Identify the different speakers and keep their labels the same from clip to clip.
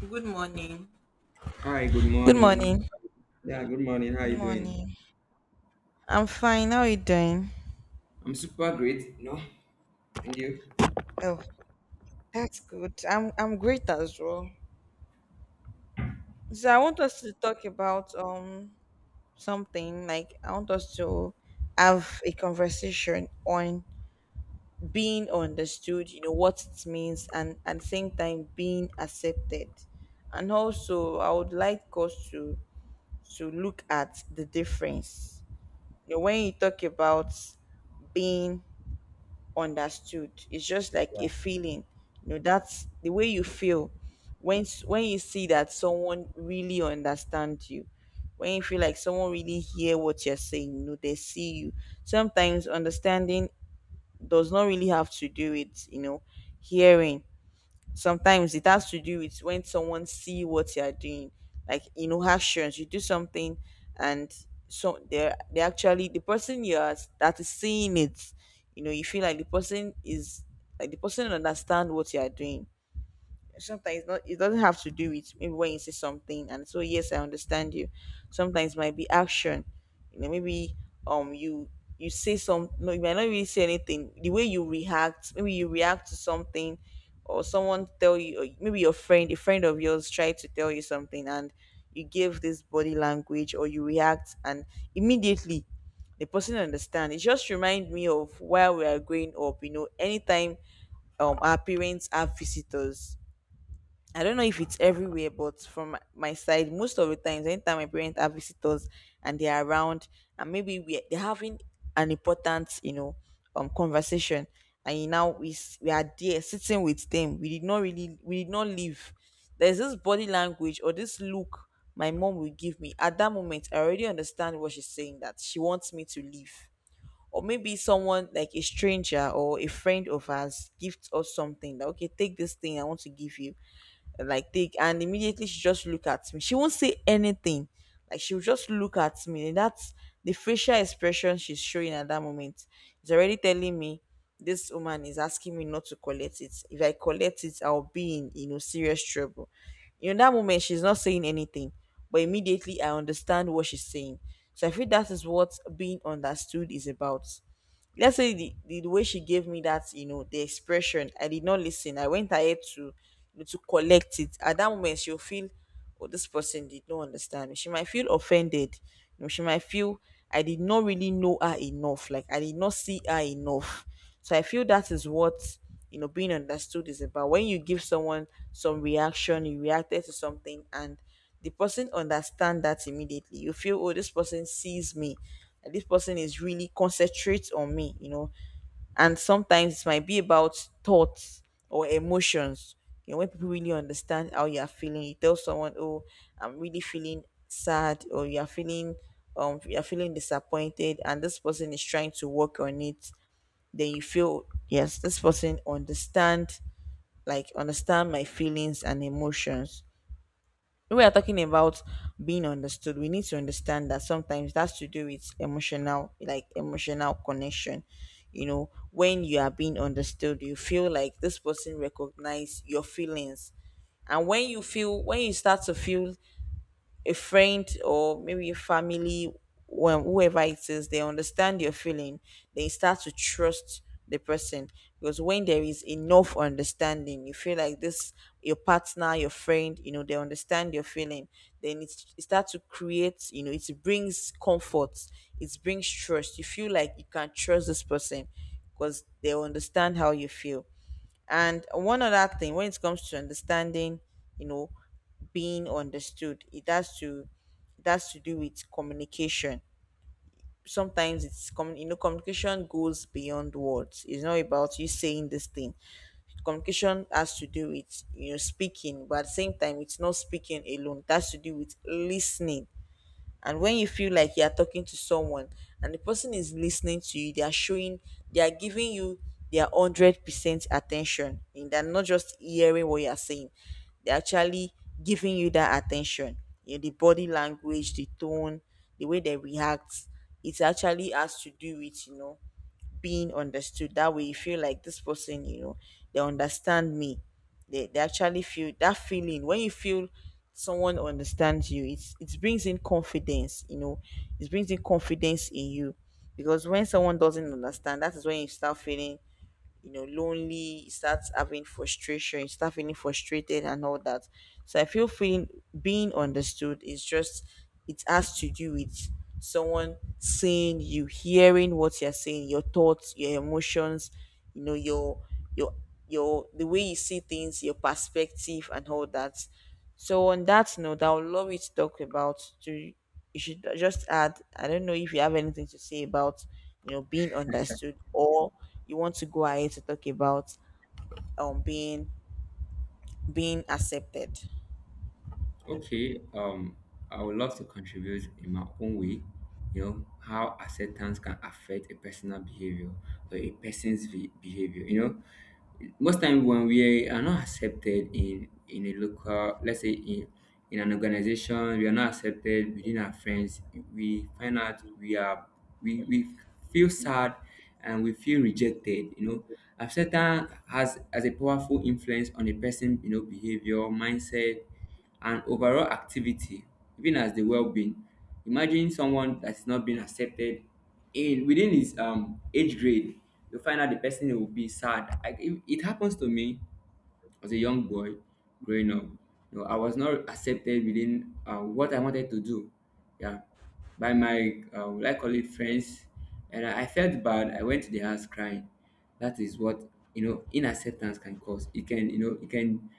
Speaker 1: Good morning.
Speaker 2: Hi, good
Speaker 1: Good
Speaker 2: morning.
Speaker 1: morning.
Speaker 2: Yeah, good morning. How are
Speaker 1: Good
Speaker 2: you doing?
Speaker 1: morning. I'm fine. How are you doing?
Speaker 2: I'm super great. No, thank you.
Speaker 1: Oh, that's good. I'm great as well. So I want us to talk about something like I want us to have a conversation on being understood, you know, what it means and at the same time being accepted. And also I would like us to look at the difference. You know, when you talk about being understood, it's just like a feeling. You know, that's the way you feel when you see that someone really understands you. When you feel like someone really hear what you're saying, you know, they see you. Sometimes understanding does not really have to do with, you know, hearing. Sometimes it has to do with when someone see what you are doing, like you know, actions. You do something, and they actually, the person you are that is seeing it, you know, you feel like the person is, like the person understand what you are doing. Sometimes it doesn't have to do with maybe when you say something and so, yes, I understand you. Sometimes might be action, you know, maybe, um you you say some, no, you might not really say anything. The way you react, maybe you react to something, or someone tell you, or maybe your friend a friend of yours tried to tell you something, and you give this body language, or you react, and immediately the person understand. It just remind me of where we are growing up. You know, anytime our parents have visitors, I don't know if it's everywhere, but from my side, most of the times, anytime my parents have visitors and they are around, and maybe we they're having an important, you know, conversation, and you now we are there sitting with them. We did not really, we did not leave. There's this body language or this look my mom will give me at that moment. I already understand what she's saying, that she wants me to leave. Or maybe someone, like a stranger or a friend of ours, gives us something. That, okay, take this thing, I want to give you, like take. And immediately she just look at me, she won't say anything. Like she'll just look at me, and that's the facial expression she's showing at that moment. It's already telling me this woman is asking me not to collect it. If I collect it, I'll be in, you know, serious trouble. In that moment, she's not saying anything, but immediately I understand what she's saying. So I feel that is what being understood is about. Let's say the way she gave me that, you know, the expression, I did not listen, I went ahead to, you know, to collect it. At that moment, she'll feel, oh, this person did not understand me, she might feel offended. You know, she might feel I did not really know her enough, like I did not see her enough. So I feel that is what, you know, being understood is about. When you give someone some reaction, you reacted to something, and the person understand that immediately, you feel, oh, this person sees me. And This person is really concentrates on me, you know. And sometimes it might be about thoughts or emotions. You know, when people really understand how you are feeling, you tell someone, "Oh, I'm really feeling sad," or you are feeling disappointed, and this person is trying to work on it. Then you feel, yes, this person understand, like understand my feelings and emotions. When we are talking about being understood, we need to understand that sometimes that's to do with emotional, like emotional connection. You know, when you are being understood, you feel like this person recognizes your feelings. And when you feel, when you start to feel a friend or maybe a family, when whoever it is, they understand your feeling, they start to trust the person. Because when there is enough understanding, you feel like this, your partner, your friend, you know, they understand your feeling, then it starts to create, you know, it brings comfort, it brings trust. You feel like you can trust this person because they understand how you feel. And one other thing, when it comes to understanding, you know, being understood, it has to do with communication. Sometimes it's commun you know, communication goes beyond words. It's not about you saying this thing. Communication has to do with, you know, speaking, but at the same time, it's not speaking alone. It has to do with listening. And when you feel like you're talking to someone and the person is listening to you, they are showing, they are giving you their 100% attention, and they're not just hearing what you're saying, they're actually giving you that attention. You know, the body language, the tone, the way they react, it actually has to do with, you know, being understood. That way, you feel like this person, you know, they understand me. They actually feel that feeling. When you feel someone understands you, it's it brings in confidence. You know, it brings in confidence in you, because when someone doesn't understand, that is when you start feeling, you know, lonely, you start having frustration, you start feeling frustrated and all that. So I feel feeling being understood is just, it has to do with someone seeing you, hearing what you're saying, your thoughts, your emotions, you know, your your the way you see things, your perspective and all that. So on that note, I would love you to talk about, to you should just add, I don't know if you have anything to say about, you know, being understood, or you want to go ahead to talk about um being being accepted.
Speaker 2: Okay, I would love to contribute in my own way, you know, how acceptance can affect a personal behavior or a behavior, you know. Most time when we are not accepted in a local, let's say in an organization, we are not accepted within our friends, we find out we are we feel sad and we feel rejected, you know. Acceptance has a powerful influence on a person, you know, behavior, mindset, and overall activity, even as the well-being. Imagine someone that's not being accepted in within his age grade, you find out the person who will be sad. It happens to me as a young boy growing up. You know, I was not accepted within what I wanted to do, yeah, by my would I call it friends. And I felt bad, I went to the house crying. That is what, you know, inacceptance can cause. It can, you know, it can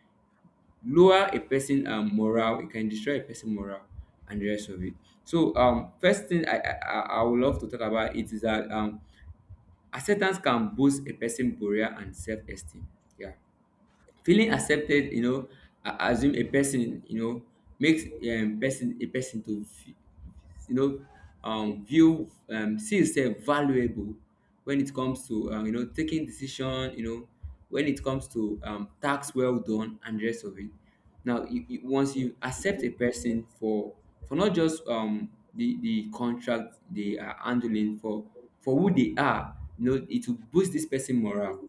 Speaker 2: lower a person morale, it can destroy a person morale and the rest of it. So first thing I would love to talk about it is that acceptance can boost a person career and self-esteem, yeah. Feeling accepted, you know, assume a person, you know, makes person a person to, you know, view see yourself valuable when it comes to you know, taking decision, you know, when it comes to tasks well done and the rest of it. Now, once you accept a person for not just the contract they are handling, for who they are, you know, it will boost this person morale,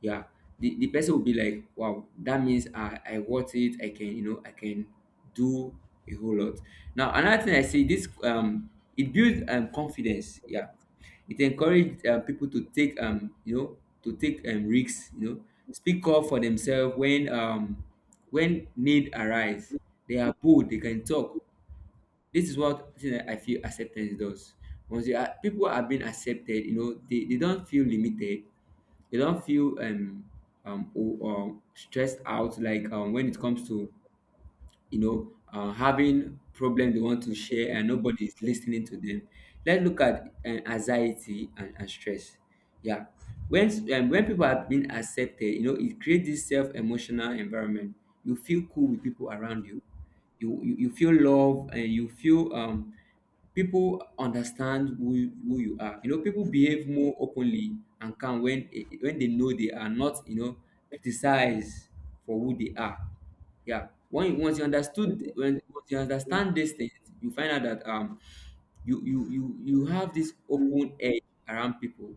Speaker 2: yeah. The person will be like, wow, that means I worth it. I can, you know, I can do a whole lot. Now another thing I see this it builds confidence, yeah. It encourages people to take you know, to take risks, you know, speak up for themselves when need arise. They are bold, they can talk. This is what thing that I feel acceptance does. Once you are, people are being accepted, you know, they don't feel limited. They don't feel stressed out, like when it comes to, you know, having problem they want to share and nobody is listening to them. Let's look at anxiety and stress. Yeah, when people are being accepted, you know, it creates this self emotional environment. You feel cool with people around you. You feel love, and you feel people understand who you are. You know, people behave more openly and calm when they know they are not, you know, criticized for who they are, yeah. When once you understood, when once you understand these things, you find out that you have this open edge around people.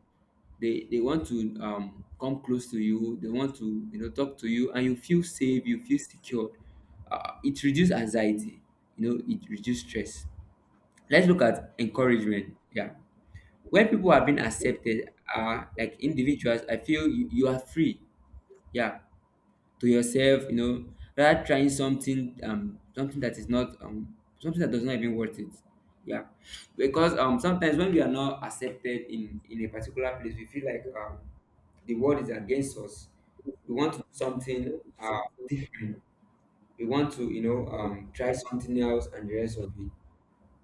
Speaker 2: They want to come close to you, they want to, you know, talk to you, and you feel safe, you feel secured. It reduces anxiety, you know, it reduces stress. Let's look at encouragement, yeah. When people are being accepted, like individuals, I feel you are free, yeah, to yourself, you know, rather trying something, something that is not, something that does not even worth it. Yeah. Because sometimes when we are not accepted in a particular place, we feel like the world is against us. We want to do something uh different. We want to, you know, try something else and the rest of it.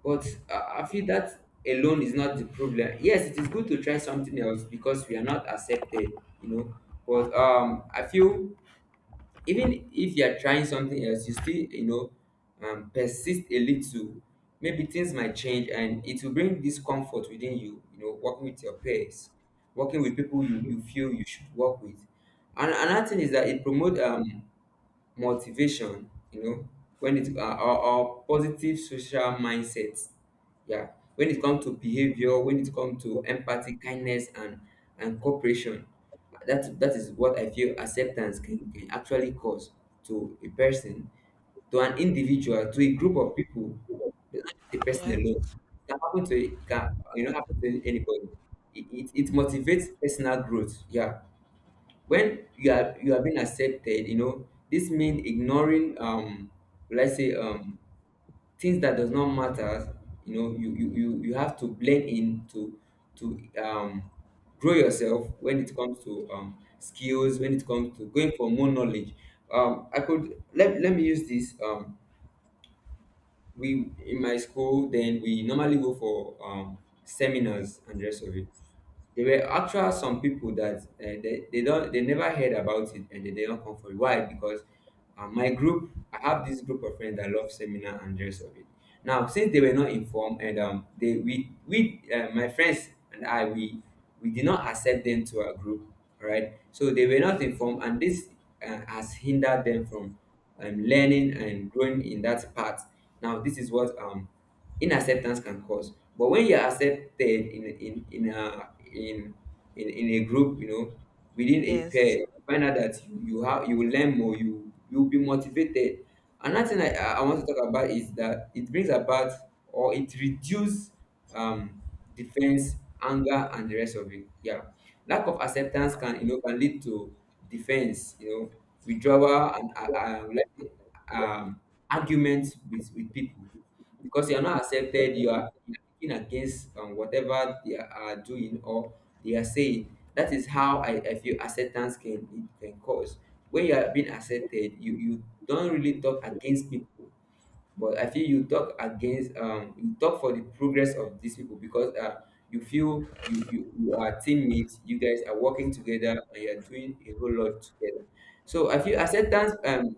Speaker 2: But I feel that alone is not the problem. Yes, it is good to try something else because we are not accepted, you know. But I feel even if you are trying something else, you still, you know, persist a little, maybe things might change, and it will bring discomfort within you, you know, working with your peers, working with people you feel you should work with. And another thing is that it promotes motivation, you know, when it or positive social mindset. Yeah. When it comes to behavior, when it comes to empathy, kindness, and cooperation. That is what I feel acceptance can actually cause to a person, to an individual, to a group of people, not just a person alone.
Speaker 1: Yes.
Speaker 2: It can happen to, it can, you know, happen to anybody. It motivates personal growth. Yeah, when you are being accepted, you know, this means ignoring let's say things that does not matter, you know. You have to blend in to grow yourself when it comes to skills, when it comes to going for more knowledge. Let me use this we in my school then we normally go for seminars and the rest of it. There were actual some people that they don't, they never heard about it, and they don't come for it. Why? Because my group, I have this group of friends that love seminar and the rest of it. Now, since they were not informed, and they we my friends and I, we did not accept them to our group, all right? So they were not informed, and this has hindered them from learning and growing in that part. Now, this is what, inacceptance can cause, but when you're accepted in in in a in in a group, you know, within a
Speaker 1: Yes.
Speaker 2: pair, you find out that you will learn more, you'll be motivated. Another thing I want to talk about is that it brings about, or it reduces, um, defense, anger, and the rest of it. Yeah, lack of acceptance can, you know, can lead to defense, you know, withdrawal, and like, um, arguments with people, because you are not accepted, you are kicking against whatever they are doing or they are saying. That is how I feel acceptance can, it can cause. When you are being accepted, you don't really talk against people, but I feel you talk against, you talk for the progress of these people, because you feel you are teammates, you guys are working together, and you are doing a whole lot together. So I feel acceptance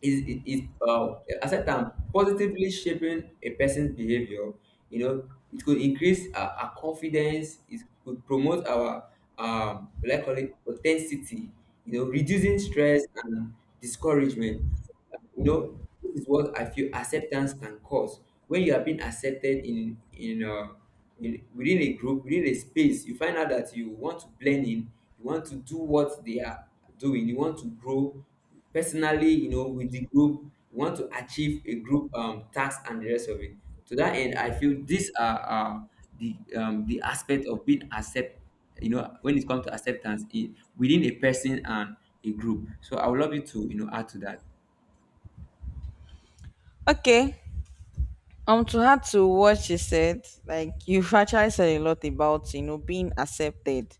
Speaker 2: is is is, uh, aside from positively shaping a person's behavior, you know, it could increase our confidence, it could promote our what I call it authenticity, you know, reducing stress and discouragement. You know, this is what I feel acceptance can cause. When you have been accepted within a group, within a space, you find out that you want to blend in, you want to do what they are doing, you want to grow personally, you know, with the group. We want to achieve a group task and the rest of it. To that end, I feel these are, the aspect of being accept, you know, when it comes to acceptance within a person and a group. So I would love you to, you know, add to that.
Speaker 1: Okay. To add to what she said, like you've actually said a lot about, you know, being accepted,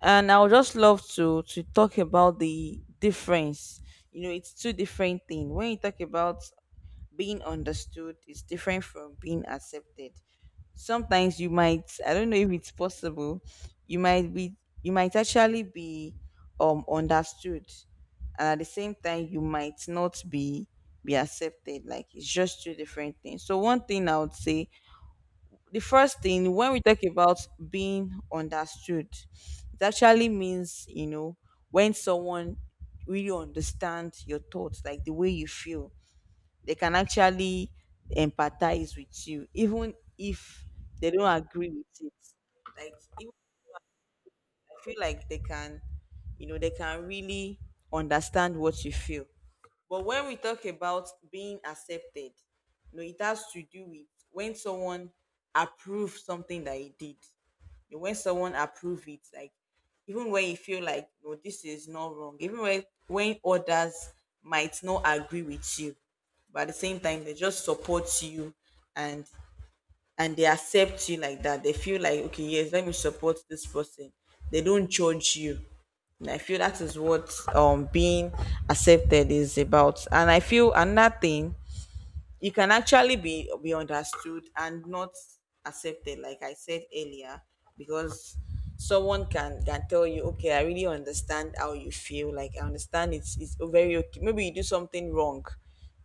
Speaker 1: and I would just love to talk about the difference. You know, it's two different things. When you talk about being understood is different from being accepted. Sometimes you might, I don't know if it's possible, you might be, you might actually be understood, and at the same time you might not be accepted. Like it's just two different things. So one thing I would say, the first thing, when we talk about being understood, it actually means, you know, when someone really understands your thoughts, like the way you feel, they can actually empathize with you, even if they don't agree with it. Like even, I feel like they can, you know, they can really understand what you feel. But when we talk about being accepted, you know, it has to do with when someone approves something that he did. You know, when someone approve it, like even when you feel like no, this is not wrong, even when others might not agree with you, but at the same time they just support you, and they accept you like that. They feel like, okay, yes, let me support this person. They don't judge you. And I feel that is what being accepted is about. And I feel another thing, you can actually be understood and not accepted, like I said earlier. Because someone can tell you, okay, I really understand how you feel, like I understand, it's very okay. Maybe you do something wrong,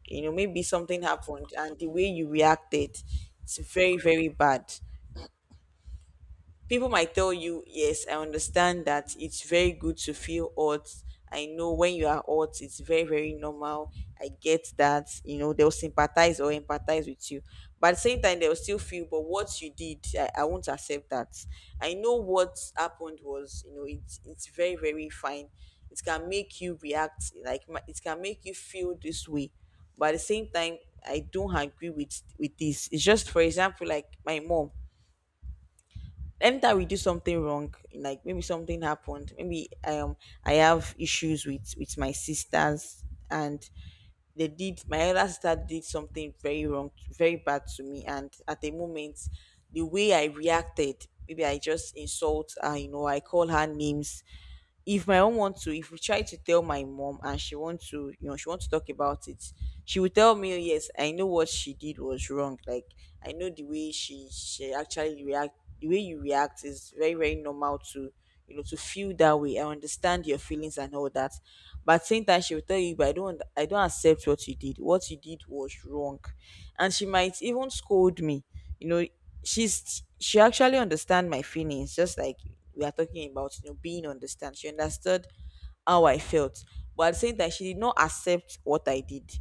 Speaker 1: you know, maybe something happened and the way you reacted, it's very bad. People might tell you, yes, I understand that, it's very good to feel hot. I know when you are hot, it's very normal. I get that, you know, they'll sympathize or empathize with you. But at the same time, they'll still feel, but what you did, I won't accept that. I know what happened was, you know, it's very fine. It can make you react, like, it can make you feel this way. But at the same time, I don't agree with this. It's just, for example, like my mom, anytime we do something wrong, like maybe something happened. Maybe I have issues with my sisters. And they did my elder sister did something very wrong, very bad to me. And at a moment, the way I reacted, maybe I just insult her, I call her names. If my mom want to If we try to tell my mom and she wants to, she wants to talk about it, she will tell me, yes, I know what she did was wrong. Like, I know the way she actually react, the way you react is very, very normal to, to feel that way. I understand your feelings and all that, but at the same time, she will tell you, but I don't accept what you did. What you did was wrong. And she might even scold me you know she actually understand my feelings. Just like we are talking about, being understand, she understood how I felt. But at the same time, she did not accept what I did.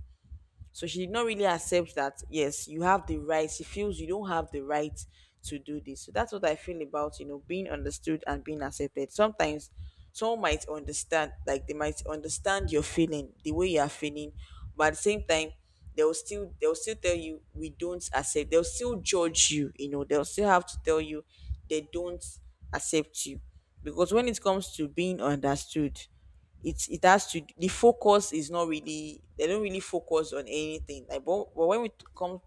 Speaker 1: So she did not really accept that, yes, you have the right. She feels you don't have the right to do this. So that's what I feel about, being understood and being accepted. Sometimes someone might understand, like they might understand your feeling, the way you are feeling, but at the same time, they'll still tell you, we don't accept. They'll still judge you, they'll still have to tell you they don't accept you. Because when it comes to being understood, it has to, the focus is not really, they don't really focus on anything, like, but when come,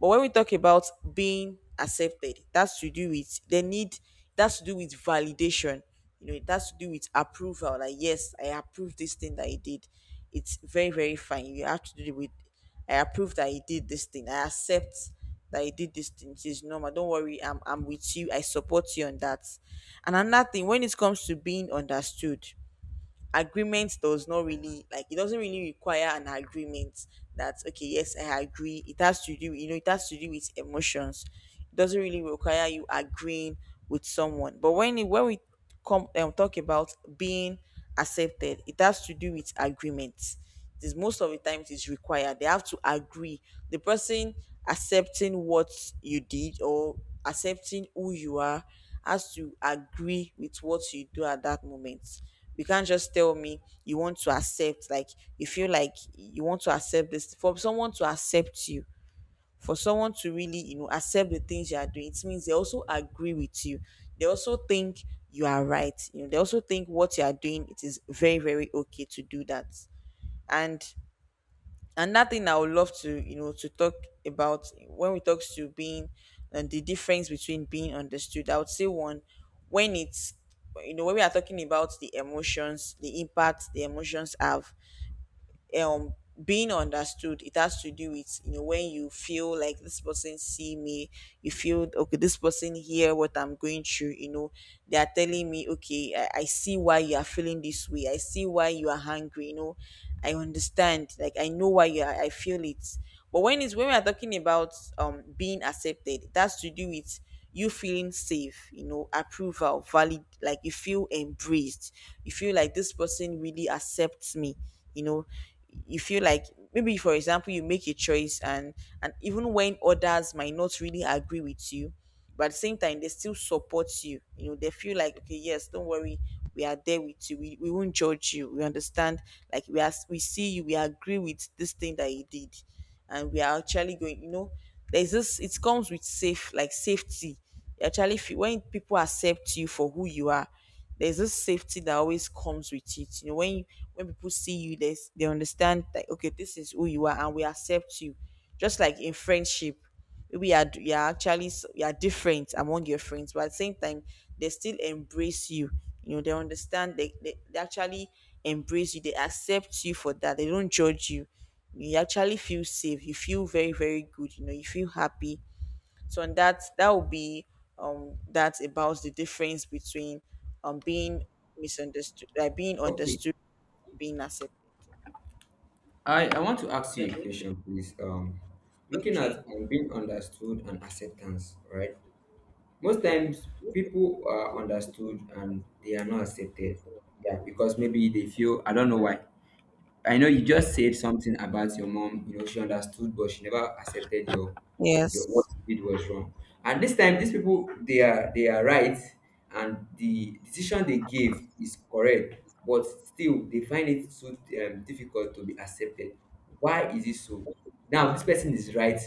Speaker 1: but when we talk about being accepted, that's to do with the need, that's to do with validation. It has to do with approval, like, yes, I approve this thing that he did. It's very, very fine. You have to do with I approve that he did this thing. I accept that he did this thing. It is normal, don't worry, I'm with you, I support you on that. And another thing, when it comes to being understood, agreement does not really like it doesn't really require an agreement. That, okay, yes, I agree. It has to do it has to do with emotions. It doesn't really require you agreeing with someone. But when we come and talk about being accepted, it has to do with agreements. It is Most of the time it is required. They have to agree. The person accepting what you did or accepting who you are has to agree with what you do at that moment. You can't just tell me you want to accept, like you feel like you want to accept this, for someone to accept you, for someone to really, accept the things you are doing. It means they also agree with you. They also think you are right. They also think what you are doing, it is very, very okay to do that. And another thing I would love to, to talk about, when we talk to being and the difference between being understood. I would say one when it's when we are talking about the emotions, the impact the emotions have. um being understood, it has to do with, when you feel like this person see me, you feel okay, this person hear what I'm going through. They are telling me, okay, I see why you are feeling this way. I see why you are hungry, I understand. Like, I know why you are I feel it. But when we are talking about being accepted, it has to do with you feeling safe, approval, valid, like you feel embraced. You feel like this person really accepts me, you know. You feel like, maybe, for example, you make a choice, and even when others might not really agree with you, but at the same time, they still support you. They feel like, okay, yes, don't worry, we are there with you. We won't judge you. We understand. Like, we see you, we agree with this thing that you did, and we are actually going. There's this It comes with safety. You actually feel, when people accept you for who you are, there's this safety that always comes with it. When people see you, they understand that, okay, this is who you are, and we accept you. Just like in friendship, maybe you are different among your friends, but at the same time, they still embrace you. You know they understand, they actually embrace you. They accept you for that, they don't judge you. You actually feel safe, you feel very, very good, you feel happy. So, and that would be, that's about the difference between being misunderstood like being
Speaker 2: Okay,
Speaker 1: understood, being accepted.
Speaker 2: I want to ask you a question, please. Looking at
Speaker 1: Okay,
Speaker 2: being understood and acceptance, right? Most times, people are understood and they are not accepted, yeah. Because maybe they feel, I don't know why. I know you just said something about your mom. You know, she understood, but she never accepted your what
Speaker 1: yes,
Speaker 2: you did was wrong. And this time, these people, they are right, and the decision they gave is correct. But still, they find it so, difficult to be accepted. Why is it so? Now this person is right.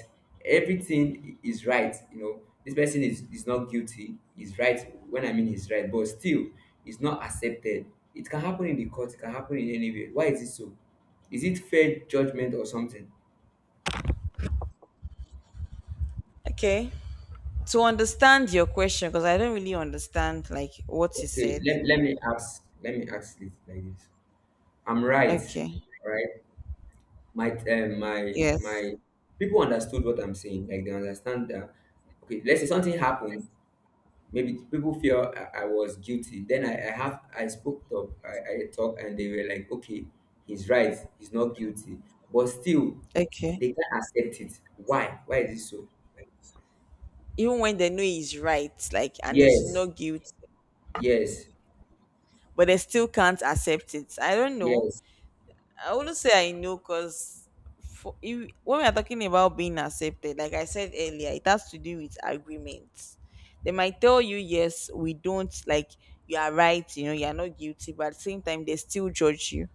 Speaker 2: Everything is right. You know, this person is not guilty, is right. When I mean he's right, but still it's not accepted. It can happen in the court. It can happen in anywhere. Why is it so? Is it fair judgment or something?
Speaker 1: okay. To understand your question, because I don't really understand like what you
Speaker 2: Okay,
Speaker 1: said.
Speaker 2: let me ask. Let me ask it like this. I'm right,
Speaker 1: Okay.
Speaker 2: right? My my
Speaker 1: Yes.
Speaker 2: people understood what I'm saying, like they understand that. Okay, let's say something happened, maybe people feel I was guilty. Then I spoke up, I talked, and they were like, okay, he's right, he's not guilty. But still
Speaker 1: Okay.
Speaker 2: they can't accept it. Why? Why is it so?
Speaker 1: Even when they know he's right, like, and he's
Speaker 2: Yes,
Speaker 1: not guilty,
Speaker 2: yes,
Speaker 1: but they still can't accept it. I don't know.
Speaker 2: yes.
Speaker 1: I wouldn't say I know, because for if, when we are talking about being accepted, like I said earlier, it has to do with agreements. They might tell you, yes, we don't, like, you are right, you are not guilty, but at the same time they still judge you.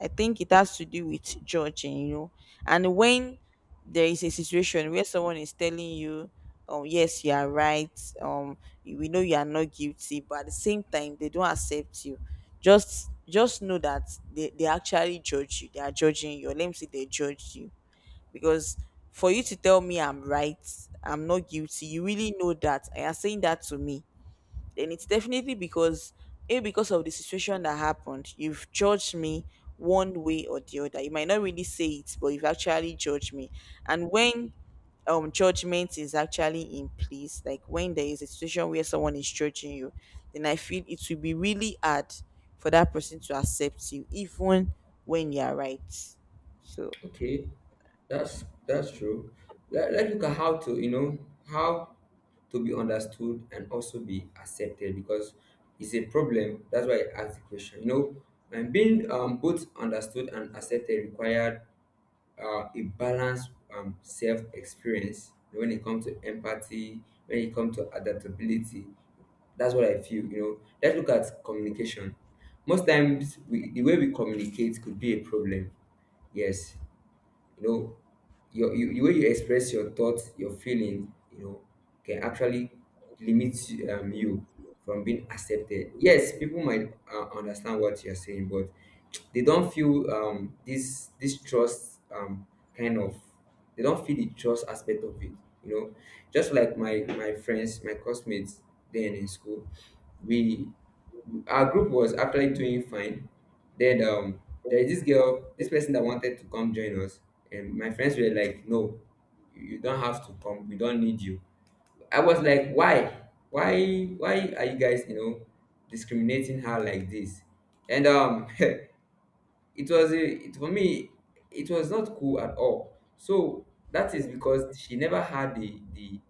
Speaker 1: I think it has to do with judging, you know. And when there is a situation where someone is telling you, "Oh yes, you are right. Um, we know you are not guilty," but at the same time, they don't accept you. Just know that they actually judge you. They are judging you. Or, let me say, they judge you, because for you to tell me I'm right, I'm not guilty, you really know that, and you're saying that to me. Then it's definitely because a because of the situation that happened, you've judged me. One way or the other, you might not really say it, but you've actually judged me. And when judgment is actually in place, like when there is a situation where someone is judging you, then I feel it will be really hard for that person to accept you even when you are right. So,
Speaker 2: Okay, that's true. Let's look at how to, you know, how to be understood and also be accepted because it's a problem. That's why I asked the question. You know, and being both understood and accepted required a balanced self-experience when it comes to empathy, when it comes to adaptability. That's what I feel. You know, let's look at communication. Most times, the way we communicate could be a problem. Yes, you know, the way you express your thoughts, your feelings, you know, can actually limit you from being accepted. Yes, people might understand what you're saying, but they don't feel this trust kind of they don't feel the trust aspect of it. You know, just like my friends, my classmates, then in school, we our group was actually doing fine. Then there is this girl, this person that wanted to come join us, and my friends were like, "No, you don't have to come. We don't need you." I was like, "Why? Why are you guys, you know, discriminating her like this?" And it for me, it was not cool at all. So that is because she never had the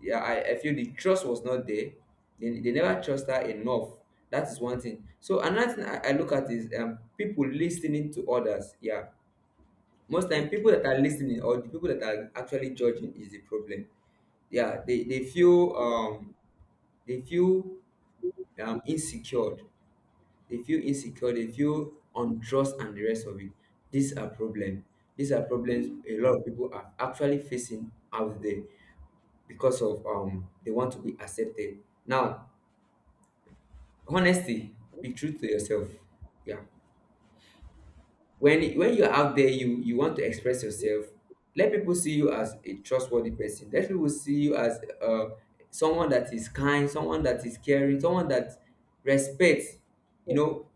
Speaker 2: yeah, I feel the trust was not there. They never trust her enough. That is one thing. So another thing I look at is people listening to others. Yeah. Most time people
Speaker 1: okay,
Speaker 2: that are listening or the people that are actually judging is the problem. Yeah, they feel they feel insecure. They feel insecure, they feel untrust and the rest of it. These are problem. These are problems a lot of people are actually facing out there because of they want to be accepted. Now honesty, be true to yourself, yeah, when you're out there you want to express yourself. Let people see you as a trustworthy person, let people see you as someone that is kind, someone that is caring, someone that respects, you know,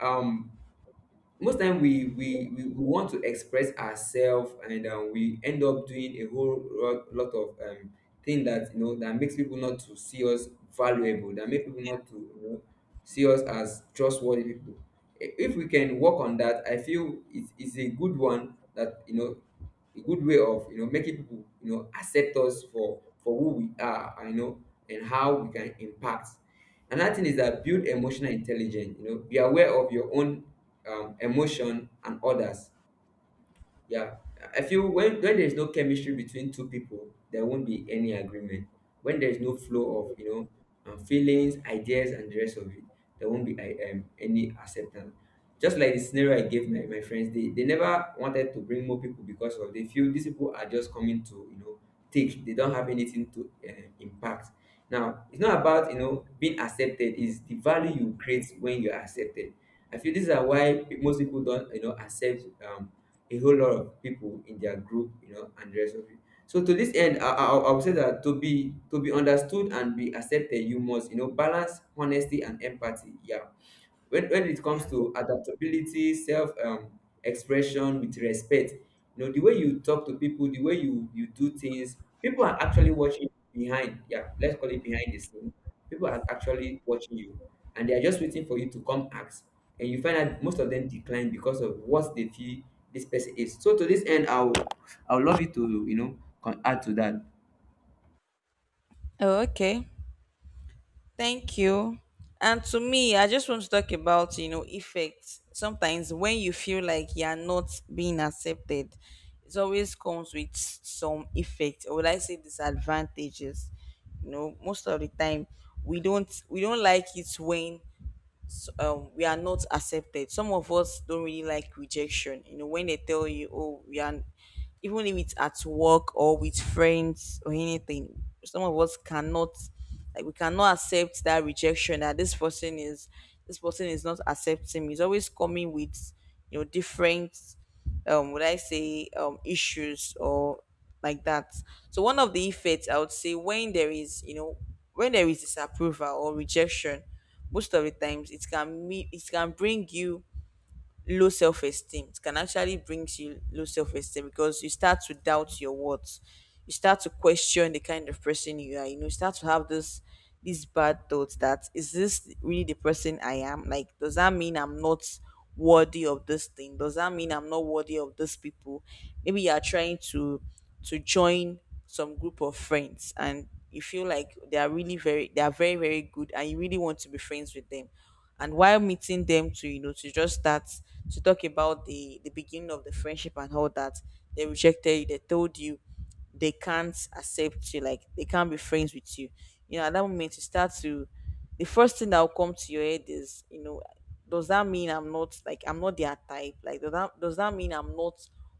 Speaker 2: um, most time we want to express ourselves and we end up doing a whole lot of thing that, you know, that makes people not to see us valuable, that make people not to, you know, see us as trustworthy people. If we can work on that, I feel it is a good one that, you know, a good way of, you know, making people, you know, accept us for who we are, and you know, and how we can impact. Another thing is that build emotional intelligence. You know, be aware of your own emotion and others. Yeah, I feel when there's no chemistry between two people, there won't be any agreement. When there's no flow of, you know, feelings, ideas, and the rest of it, there won't be any acceptance. Just like the scenario I gave my friends, they never wanted to bring more people because of they feel these people are just coming to, you know, take. They don't have anything to impact. Now, it's not about, you know, being accepted. It's the value you create when you're accepted. I feel these are why most people don't, you know, accept a whole lot of people in their group, you know, and the rest of it. So to this end, I would say that to be understood and be accepted, you must, you know, balance honesty and empathy. Yeah, when it
Speaker 1: yeah,
Speaker 2: comes to adaptability, self expression with respect, you know, the way you talk to people, the way you do things, people are actually watching behind, yeah, let's call it behind the scene, people are actually watching you, and they are just waiting for you to come ask, and you find that most of them decline because of what they feel this person is. So to this end, I'll love you to, you know, add to that.
Speaker 1: oh, okay. Thank you. And to me, I just want to talk about, effects. Sometimes when you feel like you're not being accepted, it always comes with some effect, or would I say, disadvantages. Most of the time, we don't like it when we are not accepted. Some of us don't really like rejection. You know, when they tell you, oh, we are, even if it's at work or with friends or anything, some of us cannot, like, we cannot accept that rejection. That this person is not accepting me. He's always coming with, different, would I say, issues or like that. So one of the effects, I would say, when there is, when there is disapproval or rejection, most of the times it can bring you low self-esteem. It can actually brings you low self-esteem, because you start to doubt your worth. You start to question the kind of person you are, you start to have this these bad thoughts. That is, this really the person I am? Like, does that mean I'm not worthy of this thing? Does that mean I'm not worthy of these people? Maybe you are trying to join some group of friends, and you feel like they are very, very good, and you really want to be friends with them. And while meeting them to, to just start to talk about the beginning of the friendship and all that, they rejected you, they told you they can't accept you, like, they can't be friends with you. You know at that moment, you start to the first thing that will come to your head is, does that mean I'm not their type, like, does that mean I'm not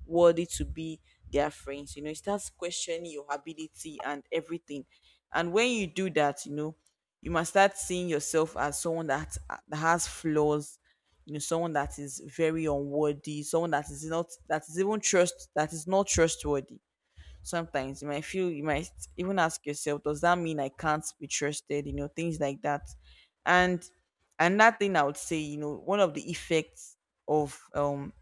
Speaker 1: worthy to be their friends? It starts questioning your ability and everything. And when you do that, you must start seeing yourself as someone that, has flaws, someone that is very unworthy, someone that is not trustworthy. Sometimes you might feel, you might even ask yourself, does that mean I can't be trusted? Things like that. And another thing I would say, you know, one of the effects of um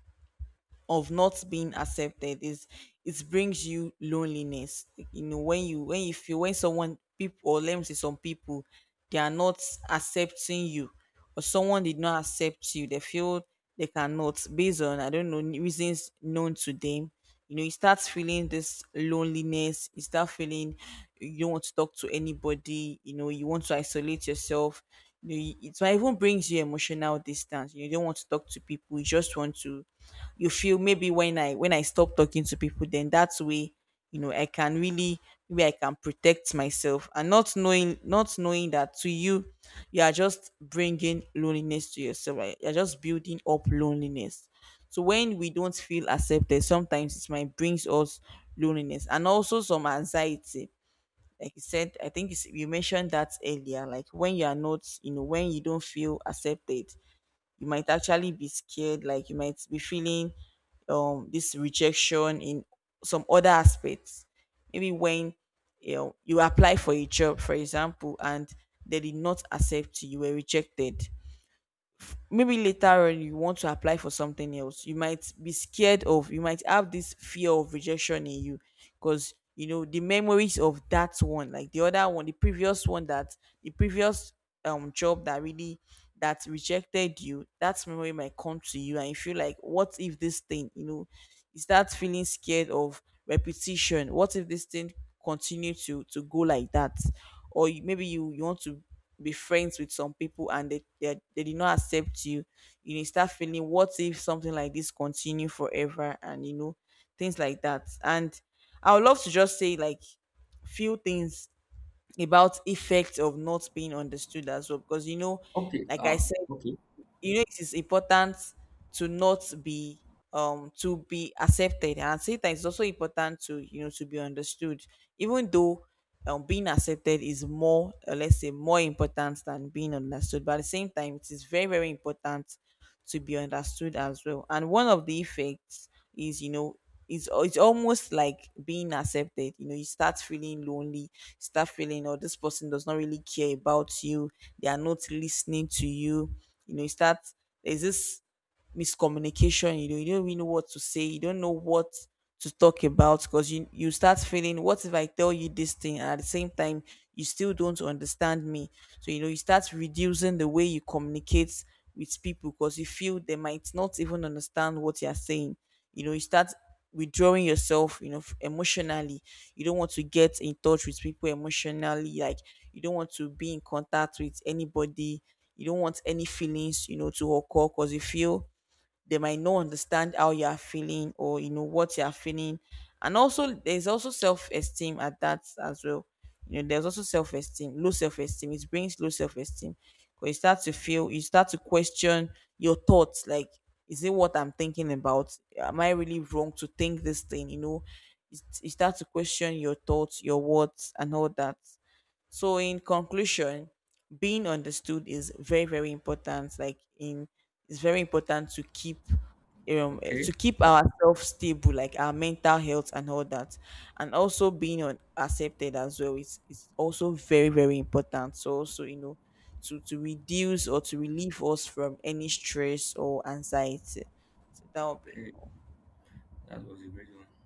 Speaker 1: of not being accepted is it brings you loneliness. You know, when you feel when someone people or let me say some people, they are not accepting you, or someone did not accept you, they feel they cannot, based on, I don't know, reasons known to them. You know, you start feeling this loneliness. You start feeling you don't want to talk to anybody. You know, you want to isolate yourself. You know, it might even brings you emotional distance. You don't want to talk to people, you just want to, you feel maybe when I stop talking to people, then that's way, you know, I can really, maybe I can protect myself, and not knowing, not knowing that to you, you are just bringing loneliness to yourself, right? You're just building up loneliness. So when we don't feel accepted, sometimes it might brings us loneliness and also some anxiety. Like you said, I think it's, you mentioned that earlier, like when you are not, you know, when you don't feel accepted, you might actually be scared. Like you might be feeling this rejection in some other aspects. Maybe when, you know, you apply for a job, for example, and they did not accept you, you were rejected, maybe later on you want to apply for something else, you might be scared of, you might have this fear of rejection in you, because, you know, the memories of that one, like the other one, the previous one, that the previous job that really, that rejected you, that memory might come to you, and you feel like, what if this thing, you know, you start feeling scared of repetition. What if this thing continue to go like that? Or you, maybe you you want to be friends with some people, and they, they did not accept you. You know, you start feeling, what if something like this continue forever? And, you know, things like that. And I would love to just say like few things about effect of not being understood as well, because, you know,
Speaker 2: Okay,
Speaker 1: like I
Speaker 2: um,
Speaker 1: said,
Speaker 2: okay,
Speaker 1: you know, it is important to not be to be accepted, and at the same time, it's also important to, you know, to be understood. Even though, being accepted is more, or let's say more important than being understood, but at the same time it is very, very important to be understood as well. And one of the effects is, you know, it's almost like being accepted. You know, you start feeling lonely, you start feeling, oh, this person does not really care about you. They are not listening to you. You know, you start, there's this miscommunication. You know, you don't really know what to say. You don't know what to talk about, because you start feeling, what if I tell you this thing, and at the same time you still don't understand me? So, you know, you start reducing the way you communicate with people, because you feel they might not even understand what you're saying. You know, you start withdrawing yourself, you know, emotionally. You don't want to get in touch with people emotionally. Like, you don't want to be in contact with anybody, you don't want any feelings, you know, to occur, because you feel they might not understand how you are feeling, or, you know, what you are feeling. And also there's also self-esteem at that as well. You know, there's also self-esteem, low self-esteem, it brings low self-esteem, because you start to feel, you start to question your thoughts. Like, is it what I'm thinking about? Am I really wrong to think this thing? You know, you start to question your thoughts, your words, and all that. So in conclusion, being understood is very, very important. Like in, it's very important to keep
Speaker 2: okay,
Speaker 1: to keep ourselves stable, like our mental health and all that, and also being accepted as well is also very, very important. So also, you know, to reduce or to relieve us from any stress or anxiety. So that would be
Speaker 2: okay,
Speaker 1: all.
Speaker 2: that was a great one.